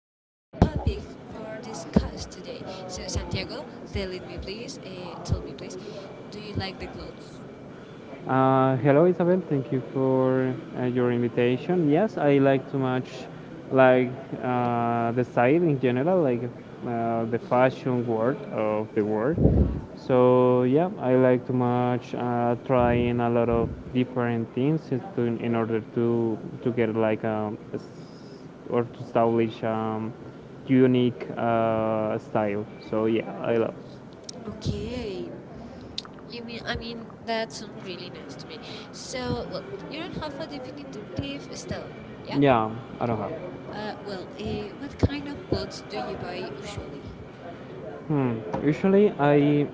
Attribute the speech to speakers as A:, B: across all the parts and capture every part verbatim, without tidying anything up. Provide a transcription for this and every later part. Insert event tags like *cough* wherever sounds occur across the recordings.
A: nice topic for discuss today. So, Santiago, tell it me, please. Uh, tell me, please. Do you like the clothes?
B: Uh, hello, Isabel. Thank you for uh, your invitation. Yes, I like too much, like uh, the style in general, like uh, the fashion world of the world. So yeah, I like too much uh, trying a lot of different things is to, in order to to get like um s- or to establish um unique uh, style. So yeah, I love.
A: Okay. I mean, I mean, that sounds really nice to me. So, well, you don't have a definitive style, yeah?
B: Yeah, I don't have.
A: Uh, well, uh, what kind of clothes do you buy usually?
B: Hmm. Usually I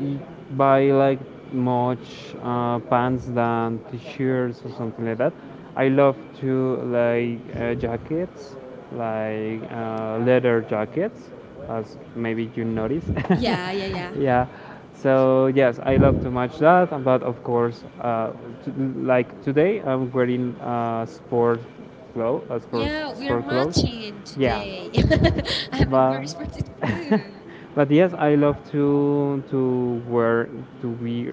B: y- buy like much uh, pants than t-shirts or something like that. I love to like uh, jackets, like uh, leather jackets, as maybe you notice. *laughs* Yeah,
A: Yeah, yeah, yeah.
B: yeah, yeah. So yes, I love to match that, but of course, uh, to, like today I'm wearing uh, sport clothes, uh, sport.
A: Yeah,
B: Yeah, we are
A: we're
B: sport clothes
A: matching
B: matching. Yeah,
A: today.
B: today.
A: *laughs* I'm
B: *laughs* but
A: very for
B: *laughs*
A: too.
B: But yes, I love to to wear to wear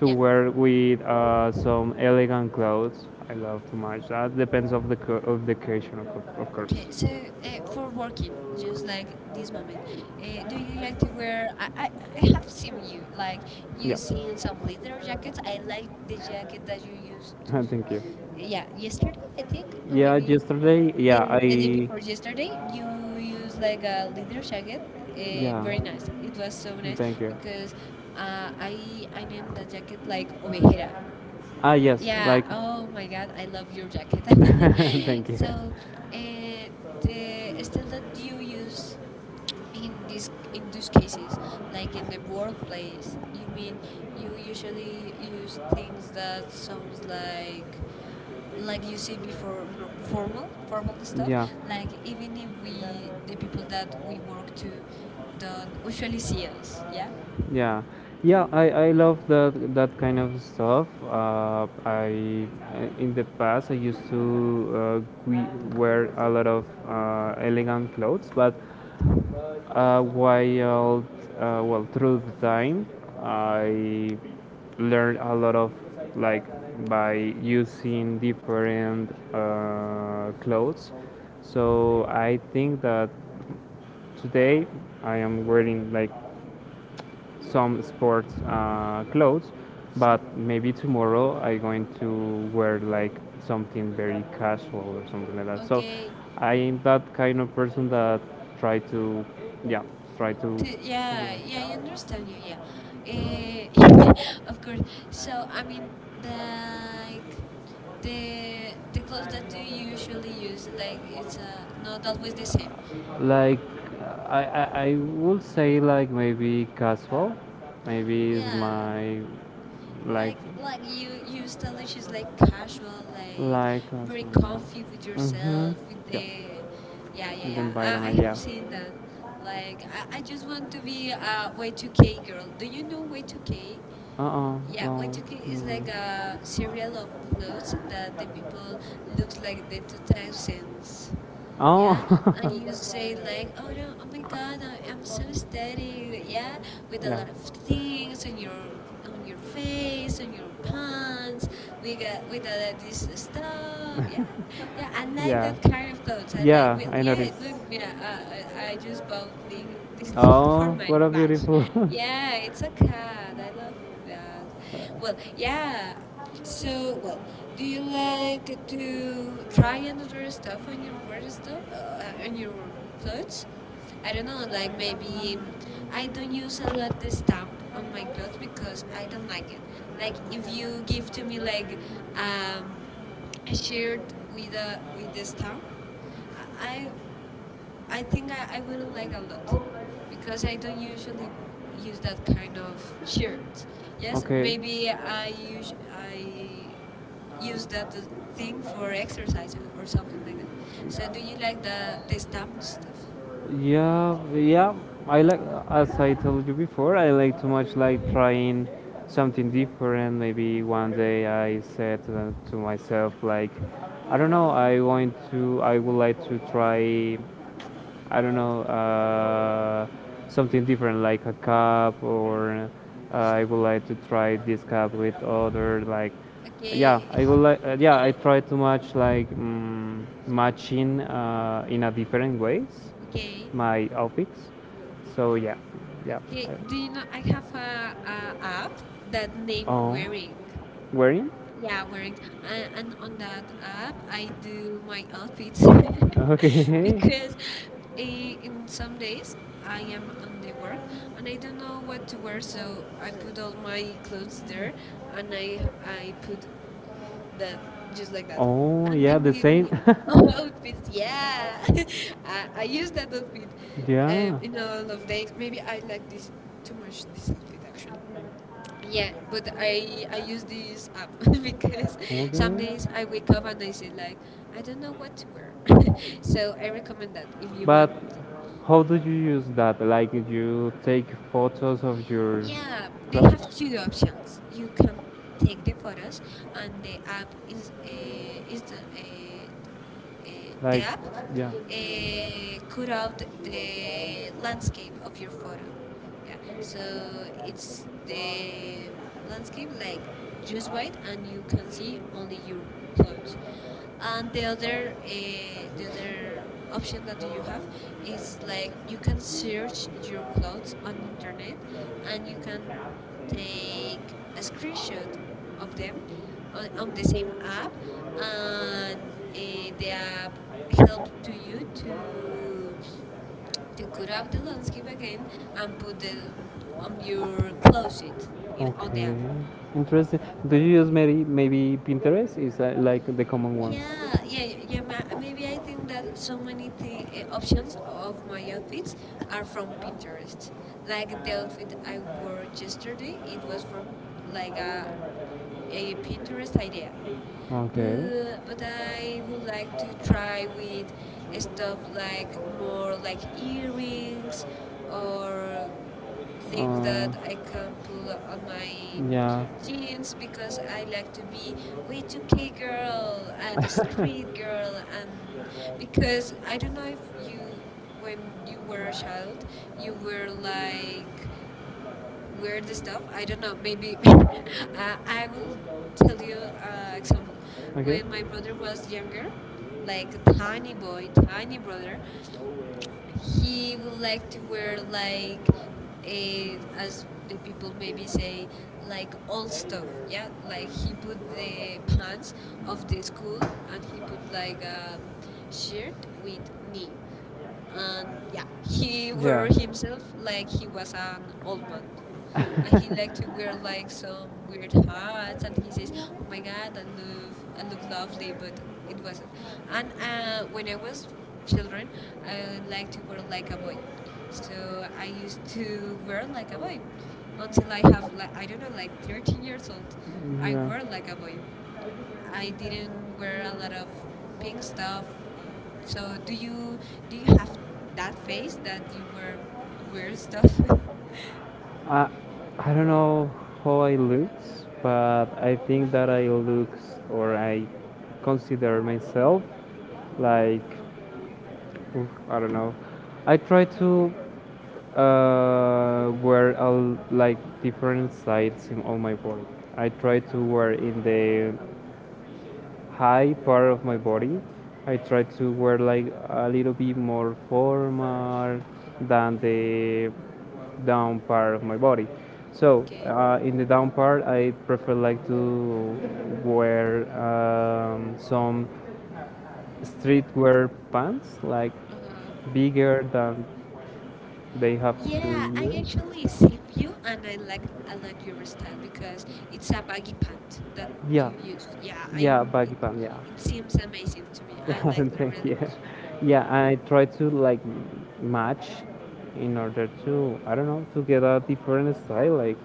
B: to
A: Yeah.
B: wear with uh, some elegant clothes. I love to match that, depends of the co- of the occasion of, co- of course.
A: Okay. So uh, for working, just like this moment, uh, do you like to
B: Use,
A: wear? I, I I have seen you like
B: yeah.
A: using
B: *laughs*
A: some leather jackets. I like the jacket that you used
B: *laughs*
A: to.
B: Use. Thank you.
A: Yeah, yesterday I think, or
B: Yeah,
A: maybe
B: yesterday.
A: the the day before yesterday you used like a leather jacket. Uh, very nice. It was so nice because uh, I I named the jacket like Ovejera.
B: Ah, yes.
A: Yeah. Oh my God, I love your jacket.
B: *laughs*
A: *laughs* So, uh, the style that you use in this in these cases, like in the workplace, you mean you usually use things that sounds like like you said before, no- formal formal stuff, like even if we the people that we work to don't usually see us, yeah,
B: Yeah, yeah, I, I love that that kind of stuff. Uh, I In the past I used to, uh, we wear a lot of uh, elegant clothes, but uh, while uh, well, through the time I learned a lot of, like by using different uh, clothes. So I think that today I am wearing like some sports uh, clothes, but maybe tomorrow I'm going to wear like something very casual or something like that. So
A: okay.
B: I'm that kind of person that try to, yeah, try
A: To,
B: to.
A: yeah, yeah, I understand you. Yeah,
B: *laughs*
A: uh, *laughs* of course. So I mean, like the the clothes that you usually use, like it's uh, not always the same.
B: Like, I, I, I would say, like, maybe casual. Maybe
A: Yeah,
B: my, like,
A: like
B: Like
A: like you
B: you,
A: you stylish is like casual, like
B: like like
A: very
B: casual.
A: comfy with yourself, with the, yeah, yeah,
B: With,
A: yeah. I, I have
B: yeah.
A: seen that. Like, I, I just want to be a Y two K girl. Do you know Y two K?
B: Uh-uh.
A: Yeah,
B: Well,
A: Waitaki is like a
B: mm,
A: serial of clothes that the people looks like the two thousands.
B: I
A: Yeah. Oh,
B: oh,
A: and you say
B: I. *laughs*
A: like, oh no, oh my God, I, I'm so aesthetic. Yeah, with a lot of things on your on your face, on your pants. We got with uh, this stuff. Yeah, yeah, I like that
B: *laughs*
A: kind of clothes. I like, well, yeah, look, yeah, uh, I I just bought the, this thing *laughs* for my badge.
B: Beautiful.
A: Yeah,
B: *laughs*
A: it's a cat. I love that. Well, yeah. So, well, do you like to try another stuff on your word stuff uh, on your clothes? I don't know, like maybe I don't use a lot the stamp on my clothes because I don't like it. Like, if you give to me like um, a shirt with a with the stamp, I I I think I, I wouldn't like a lot because I don't usually use that kind of shirt. Yes,
B: Okay.
A: maybe I use I use that thing for exercise or something like that. So, do you like the the stamp stuff?
B: Yeah, yeah. I like, as I told you before, I like too much like trying something different. Maybe one day I said to, to myself like, I don't know, I want to, I would like to try, I don't know, uh, something different like a cup, or uh, I would like to try this cup with other like. Yeah,
A: Okay,
B: I would like. Uh, yeah, I try to match like, mm, matching uh, in a different ways
A: okay,
B: my outfits. So yeah, yeah.
A: okay. Do
B: Uh,
A: you know I have a, a app that name
B: Oh. Wearing?
A: Wearing?
B: Wearing?
A: Yeah, Wearing. And, and on that app, I do my outfits *laughs*
B: Okay. *laughs*
A: because in, in some days I am on the work and I don't know what to wear, so I put all my clothes there and I I put that just like that. And
B: *laughs*
A: they made me all
B: *laughs*
A: outfits. Yeah, *laughs* I, I used that outfit um, in a lot of days. Maybe I like this too much. This outfit actually. Yeah, but I I use this app *laughs*
B: *laughs*
A: because some days I wake up and I say like I don't know what to wear. *laughs* So I recommend that if you want.
B: But how do you use that? Like you take photos of your,
A: Yeah, they have two options. You can take the photos, and the app is uh, is the, uh, uh, the app
B: yeah.
A: uh, cut out the landscape of your photo. Yeah, so it's the landscape like just white, and you can see only your clothes. And the other uh, the other option that you have is like you can search your clothes on internet and you can take a screenshot of them on, on the same app, and uh, the app help to you to to cut up the landscape again and put the on your closet in all the app.
B: Interesting. Do you use maybe maybe Pinterest? Is uh, like the common.
A: Yeah, yeah, y- yeah. ma- Maybe I think that so many thi- uh, options of my outfits are from Pinterest. Like, the outfit I wore yesterday, it was from like a, a Pinterest idea.
B: Okay.
A: But but I would like to try with stuff like more like earrings or things that I can pull on my
B: My, yeah.
A: jeans because I like to be way too k girl and a street
B: *laughs*
A: girl, and because I don't know if you, when you were a child, you were like weird stuff, I don't know, maybe. *laughs*
B: *laughs*
A: Uh, I will tell you uh, example. When my brother was younger, like a tiny boy, tiny brother, he would like to wear like a as the people maybe say, like old stuff. Yeah, like he put the pants of the school and he put like a shirt with knee, and yeah, he *laughs* wore himself like he was an old man. And he like to wear
B: *laughs*
A: like some weird hats, and he says, oh my god, I look I look lovely, but it wasn't. And uh, when I was children, I like to wear like a boy, so I used to wear like a boy until I have like, I don't know, like thirteen years old. I wear like a boy, I didn't wear a lot of pink stuff. uh, so do you, do you have that face that you wear weird stuff? *laughs*
B: I, I don't know how I looks, but I think that I looks or I consider myself like, oof, I don't know. I try to uh, wear all like different sides in all my body. I try to wear in the high part of my body. I try to wear like a little bit more formal than the down part of my body. So
A: Okay.
B: uh, in the down part, I prefer like to wear um, some streetwear pants, like
A: Uh-huh.
B: bigger than they have
A: Yeah,
B: two
A: I
B: years.
A: actually seen you, and I like a lot your style because it's a baggy pant that
B: Yeah,
A: you use. Yeah, I
B: yeah,
A: it,
B: Baggy Pam, yeah.
A: it seems amazing to me. I
B: Yeah,
A: like
B: *laughs*
A: that
B: thank
A: really
B: you.
A: much.
B: Yeah, I try to like match in order to, I don't know, to get a different style like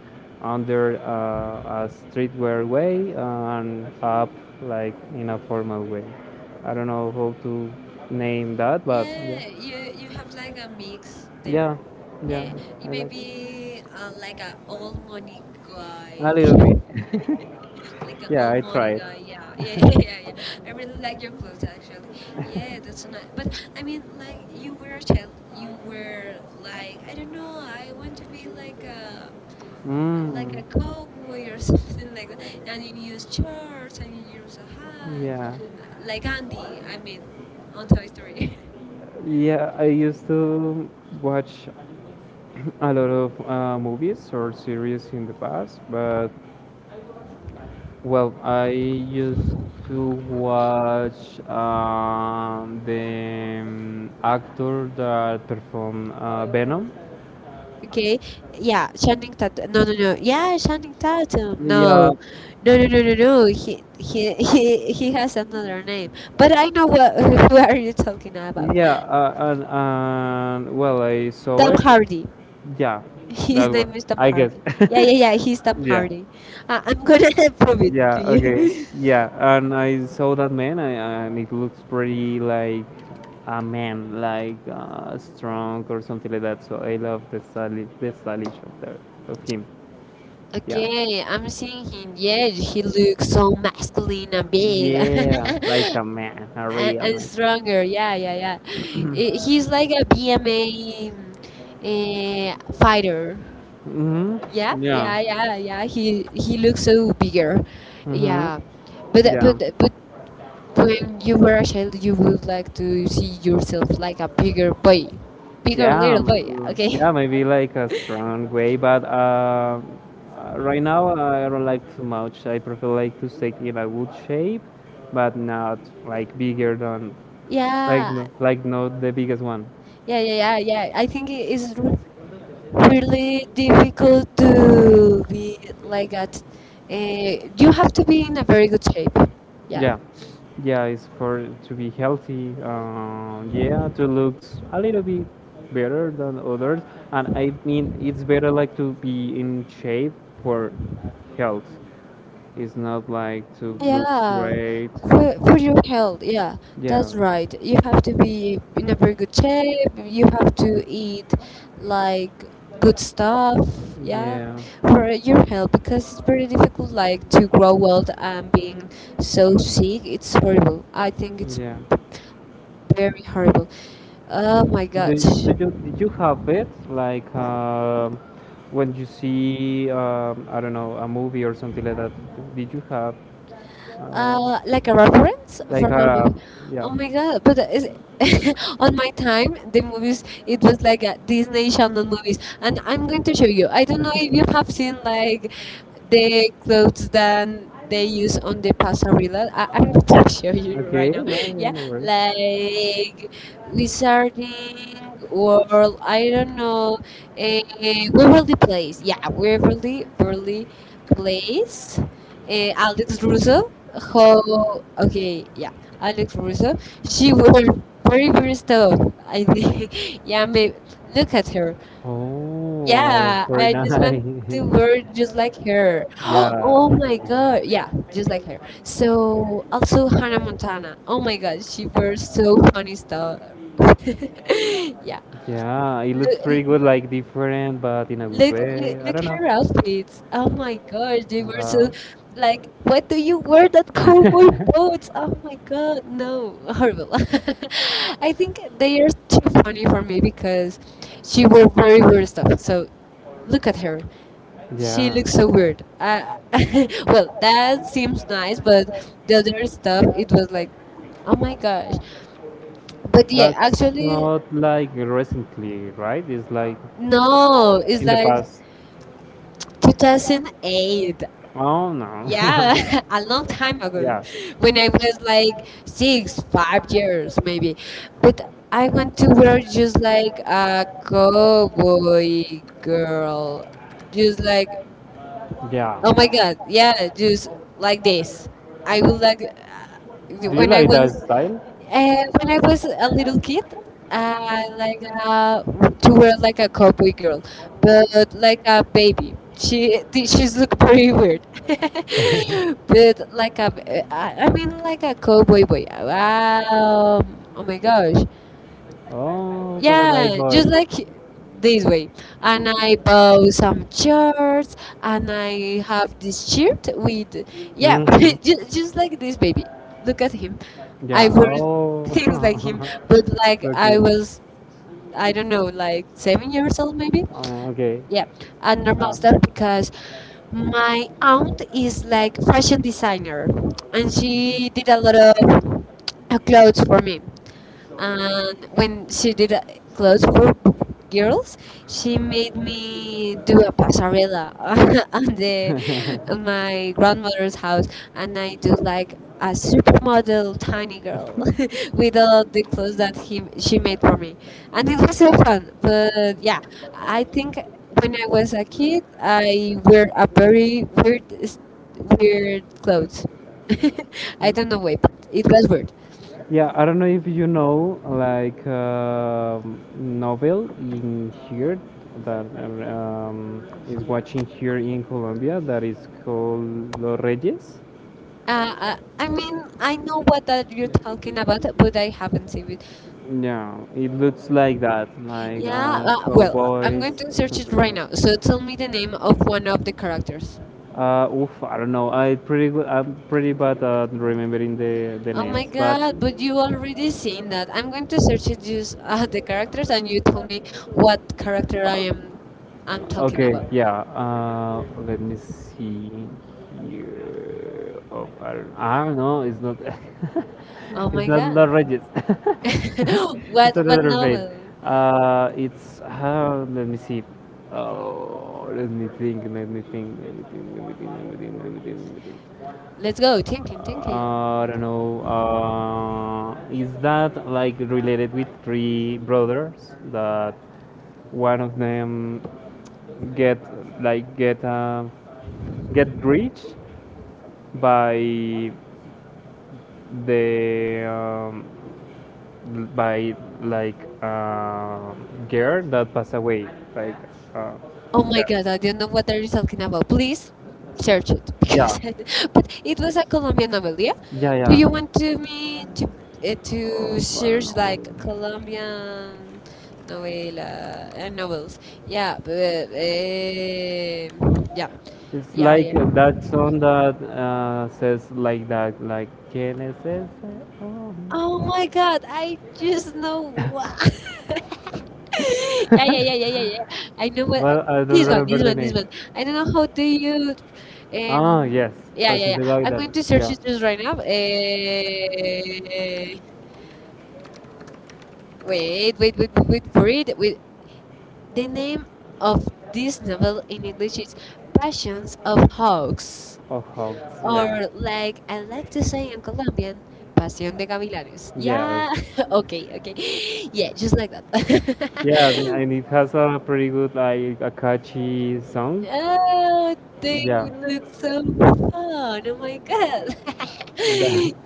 B: under uh, a streetwear way and up like in a formal way. I don't know how to name that, but
A: Yeah,
B: yeah,
A: you you have like a mix
B: yeah,
A: there. Yeah,
B: yeah.
A: you
B: I
A: may
B: like
A: be uh, like a old money guy,
B: a
A: *laughs*
B: little bit.
A: like an
B: Yeah,
A: old
B: I
A: money
B: tried.
A: guy. Yeah, yeah, *laughs* yeah,
B: *laughs*
A: yeah, yeah. I really like your clothes actually. Yeah, that's nice. But I mean, like, you were a child, you were like, I don't know, I want to be like a like
B: Mm.
A: a cowboy, or *laughs* something like that. And you use shorts and you use a hat,
B: Yeah,
A: uh, like Andy. I mean, on Toy Story. *laughs*
B: yeah. I used to watch *clears throat* a lot of uh, movies or series in the past. But Well, I used to watch um, the um, actor that performed uh, Venom.
A: Okay, yeah, Channing Tatum. No, no, no. Yeah, Channing Tatum.
B: Yeah,
A: No, no, no, no, no, no. He, he, *laughs* he, he has another name. But I know what. *laughs* Who are you talking about?
B: yeah, uh, and, and well, I saw
A: Tom
B: it.
A: Hardy.
B: Yeah,
A: His name is Tom
B: I guess.
A: Hardy. Yeah, yeah, yeah. He's Tom
B: *laughs* Yeah,
A: Hardy. Uh, I'm gonna *laughs* prove it
B: yeah,
A: to
B: okay,
A: you. *laughs*
B: yeah, and I saw that man, I, and it looks pretty like a man, like uh, strong or something like that. So I love the style, the stylish of, the, of him.
A: Okay, I'm seeing him. Yeah, he looks so masculine and big
B: Yeah, like a man, a
A: *laughs* and,
B: real
A: and stronger. Yeah, yeah, yeah. I- He's like a B M A uh, fighter.
B: man.
A: Yeah,
B: Yeah.
A: yeah, yeah, yeah. He he looks so bigger.
B: Mm-hmm. Yeah. Right.
A: Yeah,
B: Mm-hmm.
A: but but but when you were a child, you would like to see yourself like a bigger boy, bigger
B: Yeah,
A: little
B: m- like,
A: boy.
B: okay. Yeah,
A: Okay. *laughs*
B: maybe like a strong way, but uh, uh, right now I don't like too much. I prefer like to stay in a good shape, but not like bigger than, like
A: Yeah,
B: no, like not the biggest one.
A: yeah, yeah, yeah, yeah. I think it is really difficult to be like that. Uh, you have to be in a very good shape. Yeah.
B: Yeah, it's for to be healthy. Uh, yeah, to looks a little bit better than others, and I mean it's better like to be in shape for health. It's not like to look
A: Yeah.
B: great.
A: For, for your health, yeah,
B: Yeah,
A: that's right. You have to be in a very good shape. You have to eat like good stuff, yeah,
B: yeah,
A: for your health, because it's very difficult like to grow old and being so sick. It's horrible. I think it's
B: yeah.
A: b- very horrible. Oh my
B: Do
A: gosh.
B: you, do you, did you have it like, um when you see, um, I don't know, a movie or something like that? Did you have, uh,
A: Uh, like a reference
B: like
A: from a
B: uh,
A: movie.
B: yeah?
A: Oh my god! But is *laughs* on my time the movies it was like a Disney Channel movies, and I'm going to show you. I don't know if you have seen like the clothes that they use on the pasarela. I, I'm going to *laughs* show you right
B: Okay,
A: now.
B: no, yeah,
A: *laughs*
B: no
A: Yeah,
B: worries.
A: like wizarding world. I don't know. Uh, Waverly Place. Yeah, Waverly, Waverly Place. Uh, Alex Russo. How okay, yeah, Alex Russo. She was very very stoked. I think, *laughs* yeah, maybe look at her.
B: Yeah. Oh,
A: Yeah,
B: very
A: I
B: I
A: just want
B: nice. *laughs*
A: to
B: Do.
A: wear just like her. *gasps* Oh
B: Yeah,
A: my god, yeah, just like her. So also Hannah Montana. Oh my god, she wears so funny stuff. *laughs* Yeah.
B: yeah, it looks pretty good, like different, but in a good
A: Look, look,
B: way. I
A: look
B: don't
A: her
B: know.
A: outfits. Oh my gosh, they were so
B: Uh,
A: like, what do you wear that cowboy boots? Oh my god, no, horrible. *laughs* I think they are too funny for me because she wore very weird stuff. So look at her. She
B: yeah,
A: looks so weird. Uh, *laughs* well, that seems nice, but the other stuff, it was like, oh my gosh. But
B: it's
A: yeah, actually,
B: not like recently, right? It's like
A: no, it's
B: the, yeah,
A: like
B: past.
A: two thousand eight.
B: Oh no.
A: Yeah, *laughs* a long time
B: *laughs*
A: ago,
B: Yeah,
A: when I was like six, five years maybe. But I want to wear just like a cowboy girl. Just like,
B: yeah.
A: oh my God, yeah, just like this. I would like, uh,
B: Do you
A: when I
B: like that
A: was
B: style?
A: uh, when I was a little kid, uh, like uh, to wear like a cowboy girl, but like a baby. She th- she's look pretty weird, *laughs* but like a I I mean like a cowboy boy. Um, oh my gosh,
B: Oh, yeah,
A: yeah, just
B: boy.
A: like this way. And I bought some shirts and I have this shirt with, yeah,
B: Mm.
A: *laughs* just, just like this baby. Look at him. I
B: Yeah.
A: wore *laughs* things like him, but like I was, I don't know, like seven years old maybe.
B: Oh. *laughs* Oh, okay.
A: Yeah, and normal stuff because my aunt is like fashion designer and she did a lot of uh, clothes for me, and when she did uh, clothes for b- girls, she
B: *laughs*
A: made me do a pasarela *laughs* on the on my grandmother's house. And I do like a supermodel tiny girl *laughs* with all the clothes that he she made for me, and it was so fun. But yeah, I think when I was a kid, I wear a very weird weird clothes. *laughs* I don't know why, but it was weird.
B: Yeah, I don't know if you know like, um novel in here that, um, is watching here in Colombia, that is called Los Reyes.
A: Uh, uh, I mean, I know what that you're talking about, but I haven't seen it.
B: Yeah, it looks like that, like uh,
A: Yeah, uh, well, I'm
B: cowboys.
A: going to search it right now. So tell me the name of one of the characters.
B: Uh, oof, I don't know. I pretty good. I'm pretty bad at remembering the the
A: Oh my
B: names, but
A: god, but you already seen that. I'm going to search it just uh, *laughs* the characters and you tell me what character I am I'm talking
B: okay,
A: about.
B: yeah. Uh, let me see here. Oh, I don't, I don't know. It's not. *laughs* Oh,
A: Oh
B: it's
A: my
B: my not god. Not
A: god.
B: god. Regis. *laughs*
A: *laughs*
B: It's
A: what what
B: another vein.
A: novel?
B: Uh, it's uh, let me see. Oh, let me think. Let me think. Let me think. Let me think. Let me think. Let me think. Let me think.
A: Let's go. Thinking, thinking.
B: I don't know. Uh, is that like related with three brothers that one of them get, like get uh, get rich by the, um, l- by like uh, girl that passed away like, uh,
A: Oh my
B: yeah,
A: god, I don't know what are you talking about. Please search it *laughs* because I, but it was a Colombian novel,
B: yeah,
A: yeah?
B: yeah,
A: Do
B: yeah.
A: you want to me to uh, to
B: Oh, I don't
A: search like
B: know.
A: Colombian novela uh, novels? Yeah, but, eh, yeah,
B: It's
A: yeah,
B: like
A: yeah.
B: uh, that song that uh, says like that, like "¿Quién es ese hombre?"
A: Oh my god, I just know
B: *laughs*
A: what. *laughs* yeah, yeah, yeah, yeah, yeah, yeah. I know what.
B: Well, I don't
A: This one,
B: remember
A: this
B: the
A: one, this
B: name.
A: one. I don't know how do you.
B: Ah,
A: Um,
B: yes,
A: yeah, yeah,
B: it's
A: yeah.
B: the guy
A: I'm
B: that
A: going to search it just right now. Uh, wait, wait, wait, wait, wait for it. Wait. The name of this novel in English is Passions of Hawks.
B: of
A: Or
B: Hogs.
A: like I like to say in Colombian, Pasión de Gavilanes. Yeah.
B: Yes,
A: *laughs* okay, okay. Yeah, just like that.
B: yeah, th-
A: *laughs*
B: and it has a pretty good, like, a catchy song.
A: Oh, they
B: Yeah.
A: look so fun. Oh my god. *laughs*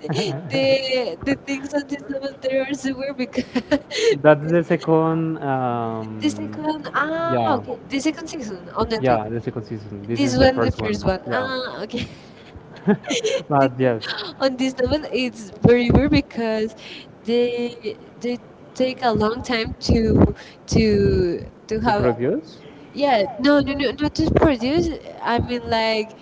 B: *laughs*
A: the the things on this level, they are so weird because *laughs*
B: That's
A: because
B: the second.
A: the second,
B: Um,
A: ah,
B: yeah,
A: okay, the second season on Netflix.
B: yeah, the second season. This is
A: This
B: the
A: one the
B: first one.
A: first one.
B: Yeah,
A: Ah, okay. *laughs* The
B: but
A: thing
B: yes.
A: on this level, it's very weird because they they take a long time to to to
B: To
A: have.
B: produce.
A: Yeah, no no no not to produce. I mean, like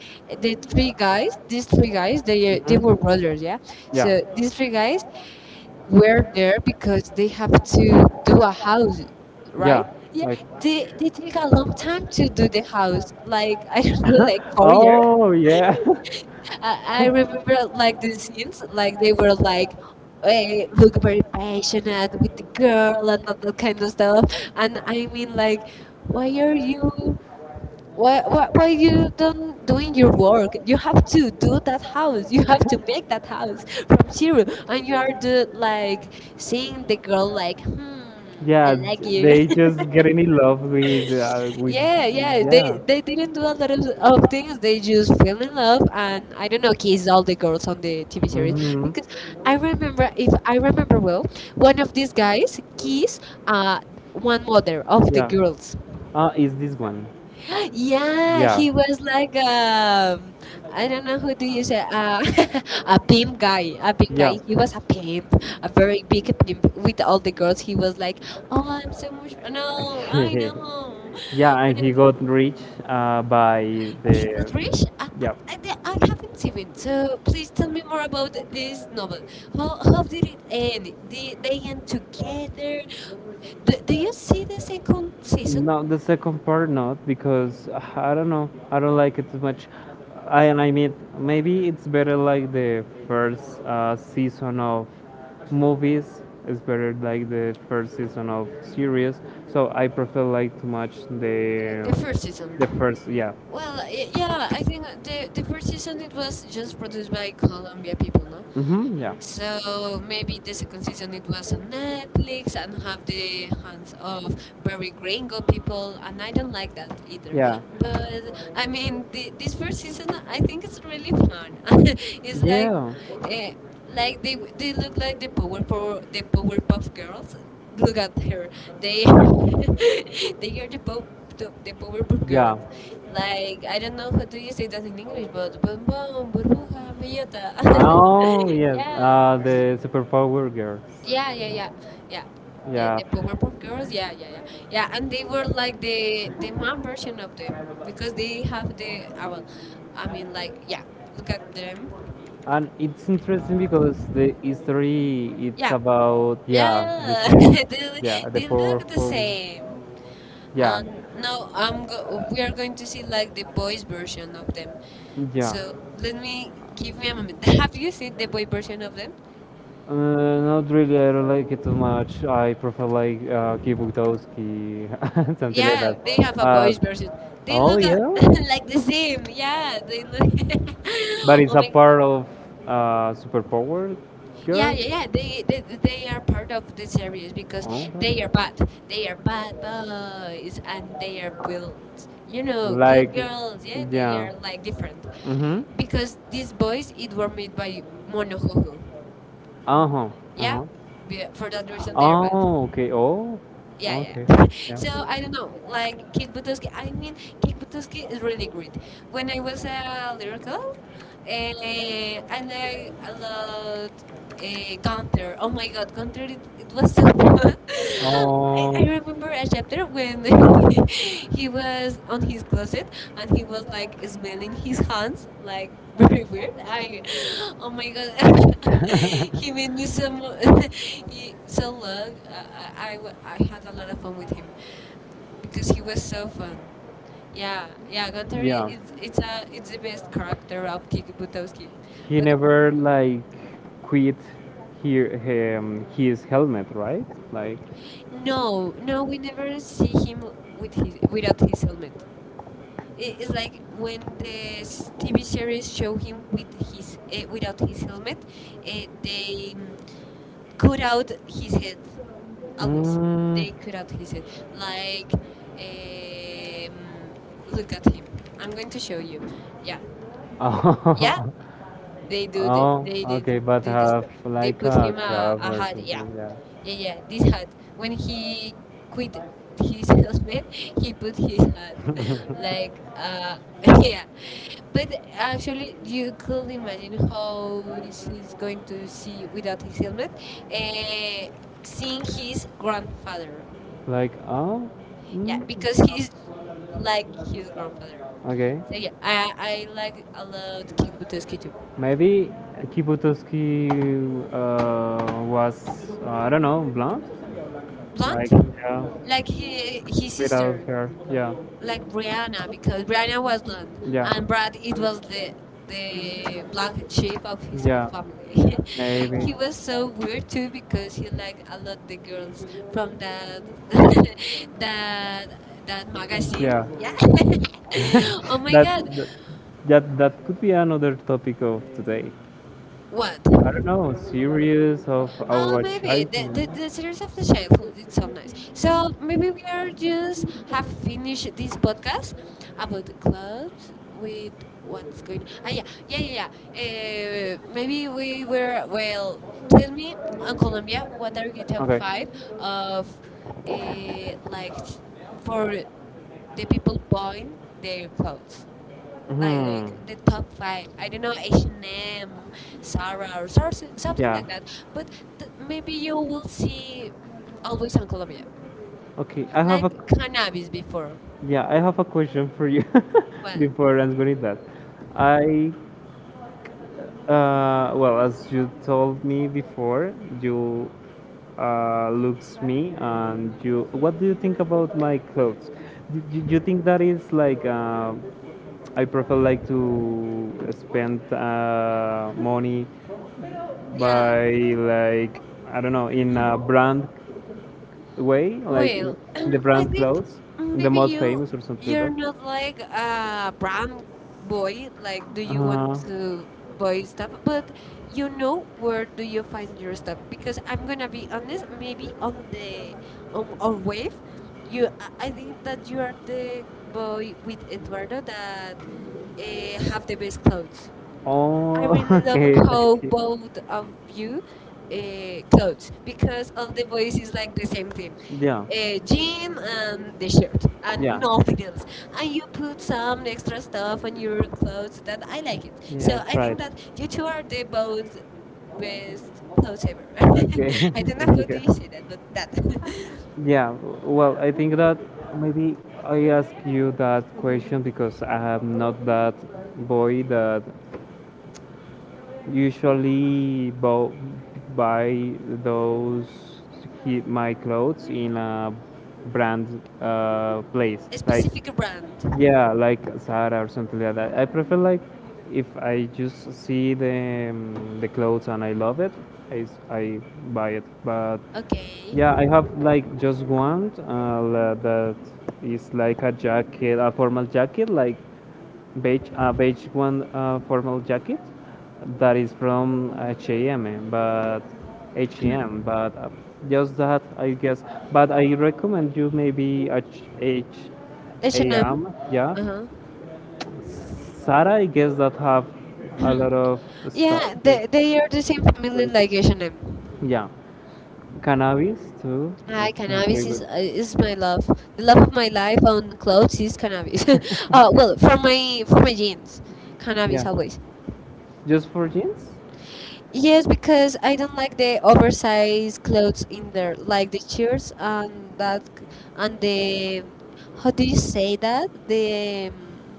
A: the three guys, these three guys, they they were brothers, yeah?
B: Yeah.
A: So these three guys were there because they have to do a house, right?
B: Yeah.
A: Yeah, they they take a long time to do the house, like *laughs* I don't know, like four years.
B: Oh yeah,
A: I, I remember like the scenes, like they were like eh, look very passionate with the girl and all that kind of stuff. And I mean like, why are you? Why, why, why you don't doing your work? You have to do that house. You have to make that house from zero, and you are the like seeing the girl like,
B: *laughs*
A: hmm, I
B: yeah.
A: like you.
B: They
A: *laughs*
B: just get in love with, uh, with.
A: Yeah, yeah, they they didn't do a lot of, of things. They just fell in love and I don't know, kissed all the girls on the T V series
B: Mhm.
A: because I remember if I remember well, one of these guys kissed uh one mother of the
B: Yeah.
A: girls,
B: Ah, is this one?
A: yeah,
B: Yeah.
A: he was like um, I don't know who do you say uh, *laughs* a pimp guy, a pimp
B: Yeah.
A: guy. He was a pimp, a very big pimp with all the girls. He was like, "Oh, I'm so much no, I
B: *laughs*
A: know."
B: Yeah,
A: When
B: and
A: I
B: he got rich uh, by
A: he
B: the.
A: got rich. I, I,
B: Yeah.
A: I the- I haven't even. So please tell me more about this novel. How, how did it end? Did they end together? Do, do you see the second season?
B: No, the second part not because uh, I don't know. I don't like it too much. I and I mean maybe it's better like the first uh, season of movies. It's better like the first season of series. So I prefer like too much the
A: The first season.
B: the first. Yeah.
A: Well, y- yeah, I think the the first season it was just produced by Colombia people, no?
B: Mhm. Yeah.
A: So maybe the second season it was on Netflix and have the hands of very gringo people, and I don't like that either.
B: Yeah.
A: But I mean, the, this first season I think it's really fun. *laughs* It's like,
B: Yeah.
A: uh, like they w- they look like the power for the Powerpuff Girls. Look at her. They *laughs* they are the pop the, the Powerpuff
B: Yeah.
A: Girls. Like, I don't know how do you say that in English, but Bum Bum, Burbuja, Bellota. *laughs*
B: Oh, *laughs* yes.
A: yeah.
B: Uh, the superpower girls.
A: Yeah, yeah, yeah. Yeah. Yeah,
B: Yeah.
A: the Powerpuff
B: Yeah,
A: Girls. Yeah, yeah, yeah. Yeah, and they were like the the mom version of them because they have the, ah, well, I mean, like, yeah, look at them.
B: and it's interesting because the history it's
A: Yeah,
B: about, yeah, the
A: yeah, *laughs*
B: same.
A: they, l-
B: *laughs* Yeah, the
A: they look the
B: powerful,
A: same.
B: yeah,
A: And now I'm go- we are going to see like the boys version of them.
B: yeah.
A: So let me give me a moment. *laughs* Have you seen the boy version of them?
B: Uh, not really. I don't like it too much. I prefer like uh, Kibutowski. *laughs* Something like
A: Yeah, they have
B: that.
A: a
B: Uh,
A: boys version. They
B: oh
A: look a-
B: yeah.
A: *laughs* like the same. Yeah, they look. *laughs*
B: But it's
A: Oh
B: a
A: my!
B: part of uh, Superpower.
A: Yeah,
B: Yeah.
A: yeah, yeah. They, they they are part of the series because they are bad. They are bad boys and they are wild. You know, good girls. Yeah, they are like different
B: Mm-hmm.
A: because these boys it were made by Monohoho.
B: Uh huh. Uh
A: Yeah,
B: huh.
A: yeah, for that reason they are bad.
B: Okay. Oh,
A: Yeah, yeah. *laughs* So I don't know, like Kikbutuski. I mean, Kikbutuski is really great. When I was a little girl, eh, and I a lot uh, Gunther. Oh my god, Gunther, it, it was so *laughs* fun.
B: *laughs*
A: I, I
B: Oh,
A: remember a chapter when *laughs* he was on his closet and he was like smelling his hands like *laughs* very weird.
B: I
A: I, oh my god, *laughs* he made me so, mo- *laughs* he, so love. I, I, I w- I had a lot of fun with him because he was so fun. Yeah, yeah, Gunther is
B: yeah.
A: it's it's a it's the best character of Kikibutowski.
B: He
A: But
B: never like quit here, um, his helmet, right? Like.
A: no, no, we never see him with his without his helmet. I- It's like when the s- T V series show him with his uh, without his helmet, uh, they mm, cut out his head. Always,
B: Mm.
A: they cut out his head. Like, um, look at him. I'm going to show you. Yeah,
B: *laughs* Yeah.
A: yeah.
B: Oh,
A: They do. The,
B: oh,
A: they did.
B: okay, but they
A: Did the
B: have,
A: stuff.
B: they
A: They
B: like
A: put
B: a
A: him a,
B: cup
A: a
B: or
A: hat.
B: something,
A: Yeah,
B: yeah, yeah.
A: yeah, yeah. This hat. When he quit his *laughs* helmet, he put his hat.
B: *laughs*
A: Like, uh, *laughs* yeah. But actually, you could imagine how this is going to see without his helmet, uh, seeing his grandfather.
B: Like, uh, like, oh,
A: Yeah, because he's like his grandfather.
B: okay.
A: So yeah, I, I like a lot Kick Buttowski too.
B: Maybe Kiputowski uh, was, uh, I don't know, blonde?
A: Blonde,
B: Yeah,
A: like he, his sister,
B: hair, yeah.
A: like Brianna, because Brianna was blonde and Brad it was the the black sheep of his ha- family. *laughs* He was so weird too because he liked a lot the girls from that *laughs* that that magazine.
B: Yeah,
A: Yeah. *laughs* oh my
B: that,
A: god.
B: that that that could be another topic of today.
A: What?
B: I don't know, series of
A: Oh,
B: our
A: maybe the, the
B: childhood.
A: the series of the childhood is so nice. So maybe we are just have finished this podcast about the clubs with what's going. Ah, yeah, yeah, yeah, yeah. Uh, maybe we were well. Tell me on Colombia, what are your top
B: Okay.
A: five of uh, like for the people buying their clothes? like
B: Hmm.
A: like the top five. I don't know, H and M, Zara, or sor-
B: Something.
A: something
B: Yeah. Like
A: like
B: that.
A: that. But th- maybe you will see always on Colombia,
B: Okay, I have
A: like
B: a.
A: cannabis before.
B: And yeah, I have a question for you. *laughs* Well,
A: Well,
B: before answering that. I uh, Well, as you told me before, you uh, looks me and you. What do you think about my clothes? Do do you think that is like, uh, I prefer like to spend uh, money
A: yeah.
B: by like, I don't know, in a brand way, like
A: Well,
B: in
A: *clears throat*
B: the
A: I
B: brand
A: think
B: clothes, the
A: maybe
B: most
A: you
B: famous or something
A: you're
B: like
A: not like a brand boy.
B: that.
A: Like, do you want
B: Uh,
A: to buy stuff? But you know where do you find your stuff? Because I'm gonna be honest. Maybe on the on our wave, you I I think that you are the boy with Eduardo that uh, have the best clothes. I
B: oh.
A: really
B: *laughs*
A: love
B: Okay.
A: how both of you uh, clothes because all the boys is like the same thing.
B: Yeah.
A: Uh, jean and the shirt and
B: Yeah,
A: nothing else, and you put some extra stuff on your clothes that I like it. So
B: yeah,
A: I
B: I
A: think
B: tried.
A: that you two are the both best clothes ever. *laughs*
B: Okay.
A: I
B: *laughs*
A: don't know
B: Thank
A: how do
B: you.
A: you say that, but that.
B: Yeah, well, I think that maybe I ask you that question because I am not that boy that usually bo- buy those he- my clothes in a brand uh, place.
A: *laughs* A
B: Like,
A: specific brand.
B: yeah, like Zara or something like that. I prefer like if I just see the, um, the clothes and I love it, I, s- I buy it. But
A: Okay.
B: yeah, I have like just one uh, la- that is like a jacket, a formal jacket, like beige, a beige one uh, formal jacket that is from H and M, but H&M, but
A: *clears throat*
B: uh, just that I guess. But I recommend you, maybe H A
A: H&M.
B: M, yeah.
A: Uh-huh.
B: Sara, I guess that have a lot of,
A: *clears throat* Yeah, they, they are the same family like H and M.
B: yeah, Cannabis too. Right,
A: Hi,
B: it's not pretty
A: cannabis is
B: good.
A: uh, is my love. The love
B: *laughs*
A: of my life on clothes is cannabis. *laughs* uh, well, for my for my jeans, cannabis
B: Yeah.
A: always.
B: Just for jeans? The
A: Yes, because I don't like the oversized clothes in there, like the shirts and that c- and the how do you say that the um,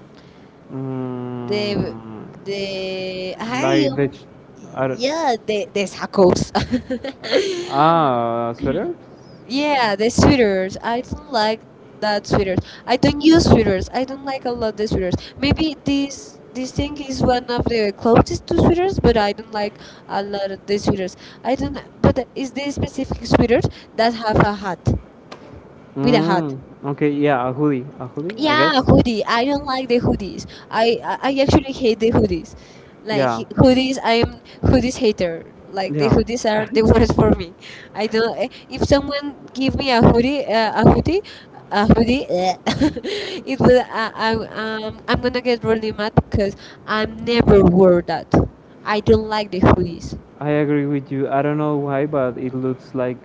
A: The
B: Mm,
A: the
B: the
A: I
B: like
A: um,
B: the ch- I don't-
A: yeah, the the tacos. *laughs*
B: yeah, ah, sweaters? Yeah.
A: Yeah, the sweaters. I don't like that sweaters. I don't use sweaters. I don't like a lot the sweaters. Maybe this this thing is one of the closest to sweaters, but I don't like a lot of the sweaters. I don't. But is there specific sweaters that have a hat with a hat?
B: Mm, okay, yeah, a hoodie, a hoodie. Yeah.
A: Yeah, hoodie. I don't like the hoodies. I I I actually hate the hoodies.
B: Like.
A: Like
B: Yeah,
A: he- hoodies, I am hoodies hater.
B: like,
A: Like the
B: yeah.
A: hoodies are the *laughs* worst for me. I don't. Eh, If someone give me a hoodie, uh, a hoodie, a hoodie, eh, *laughs* it will. I, I um I'm gonna get really mad because I'm never wore that. I don't like the hoodies.
B: I agree with you. I don't know why, but it looks like,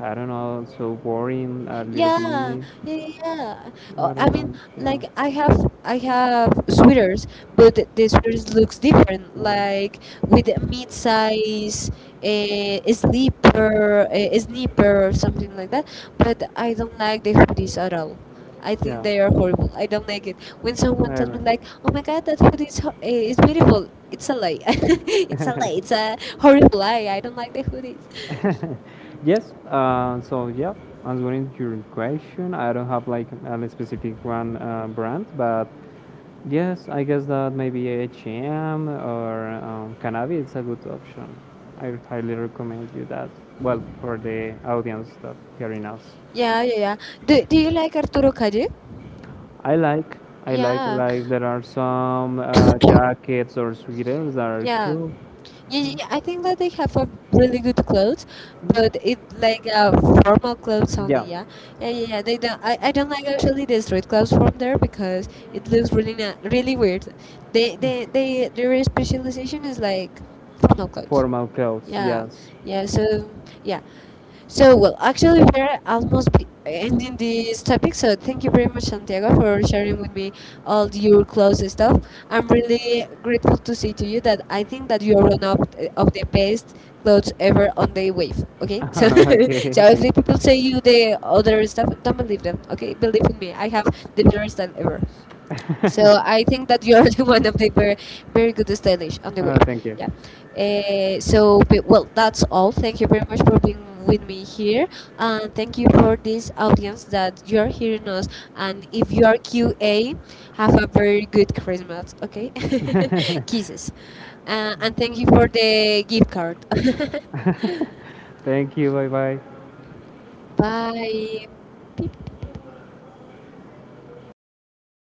B: I don't know, so boring a little,
A: Yeah, yeah,
B: yeah, bit.
A: yeah. Yeah. Uh, I mean, like I have I have sweaters, but th- the sweaters looks different, like with a mid-size, a a slipper, a a snipper, or something like that. But I don't like the hoodies at all. I think they
B: Yeah.
A: are horrible. I don't like it. When someone tells me like, "Oh my God, that hoodie is, ho- eh, is beautiful," it's a lie. *laughs* It's a lie.
B: *laughs*
A: It's a horrible lie. I don't like the hoodies.
B: Yes. Uh, so yeah, answering your question, I don't have like a specific one uh, brand, but yes, I guess that maybe H and M or um, Cannabis is a good option. I highly recommend you that. Well, for the audience that hearing us,
A: Yeah, yeah, yeah. Do, do you like Arturo Calle?
B: I like. I like,
A: Yeah.
B: like there are some uh,
A: *coughs*
B: jackets or sweaters that are
A: Yeah.
B: cool.
A: Yeah, yeah, I think that they have a really good clothes, but it like uh, formal clothes only.
B: Yeah,
A: Yeah, yeah, yeah. Yeah, they don't. I, I don't like actually the street clothes from there because it looks really na really weird. They they they their specialization is like formal clothes.
B: formal clothes,
A: Yeah,
B: yes.
A: yeah. So yeah, so, well, actually, we're almost be ending this topic. So, thank you very much, Santiago, for sharing with me all your close stuff. I'm really grateful to say to you that I think that you are one of, of the best
B: *laughs*
A: clothes ever on the wave. Okay, *laughs* so so if
B: Okay.
A: the people say you the other stuff, don't believe them. Okay, believe in me. I have the best style ever. So
B: *laughs*
A: I think that you're *laughs* the one of the very, very good stylish on the web.
B: Thank you.
A: Yeah. Uh, so but- well, that's all. Thank you very much for being with me here, and thank you for this audience that you are hearing us. And if you are Q A, have a very good Christmas. Okay, *laughs* kisses, uh, and thank you for the gift card. *laughs*
B: Thank you. Bye bye.
A: Bye.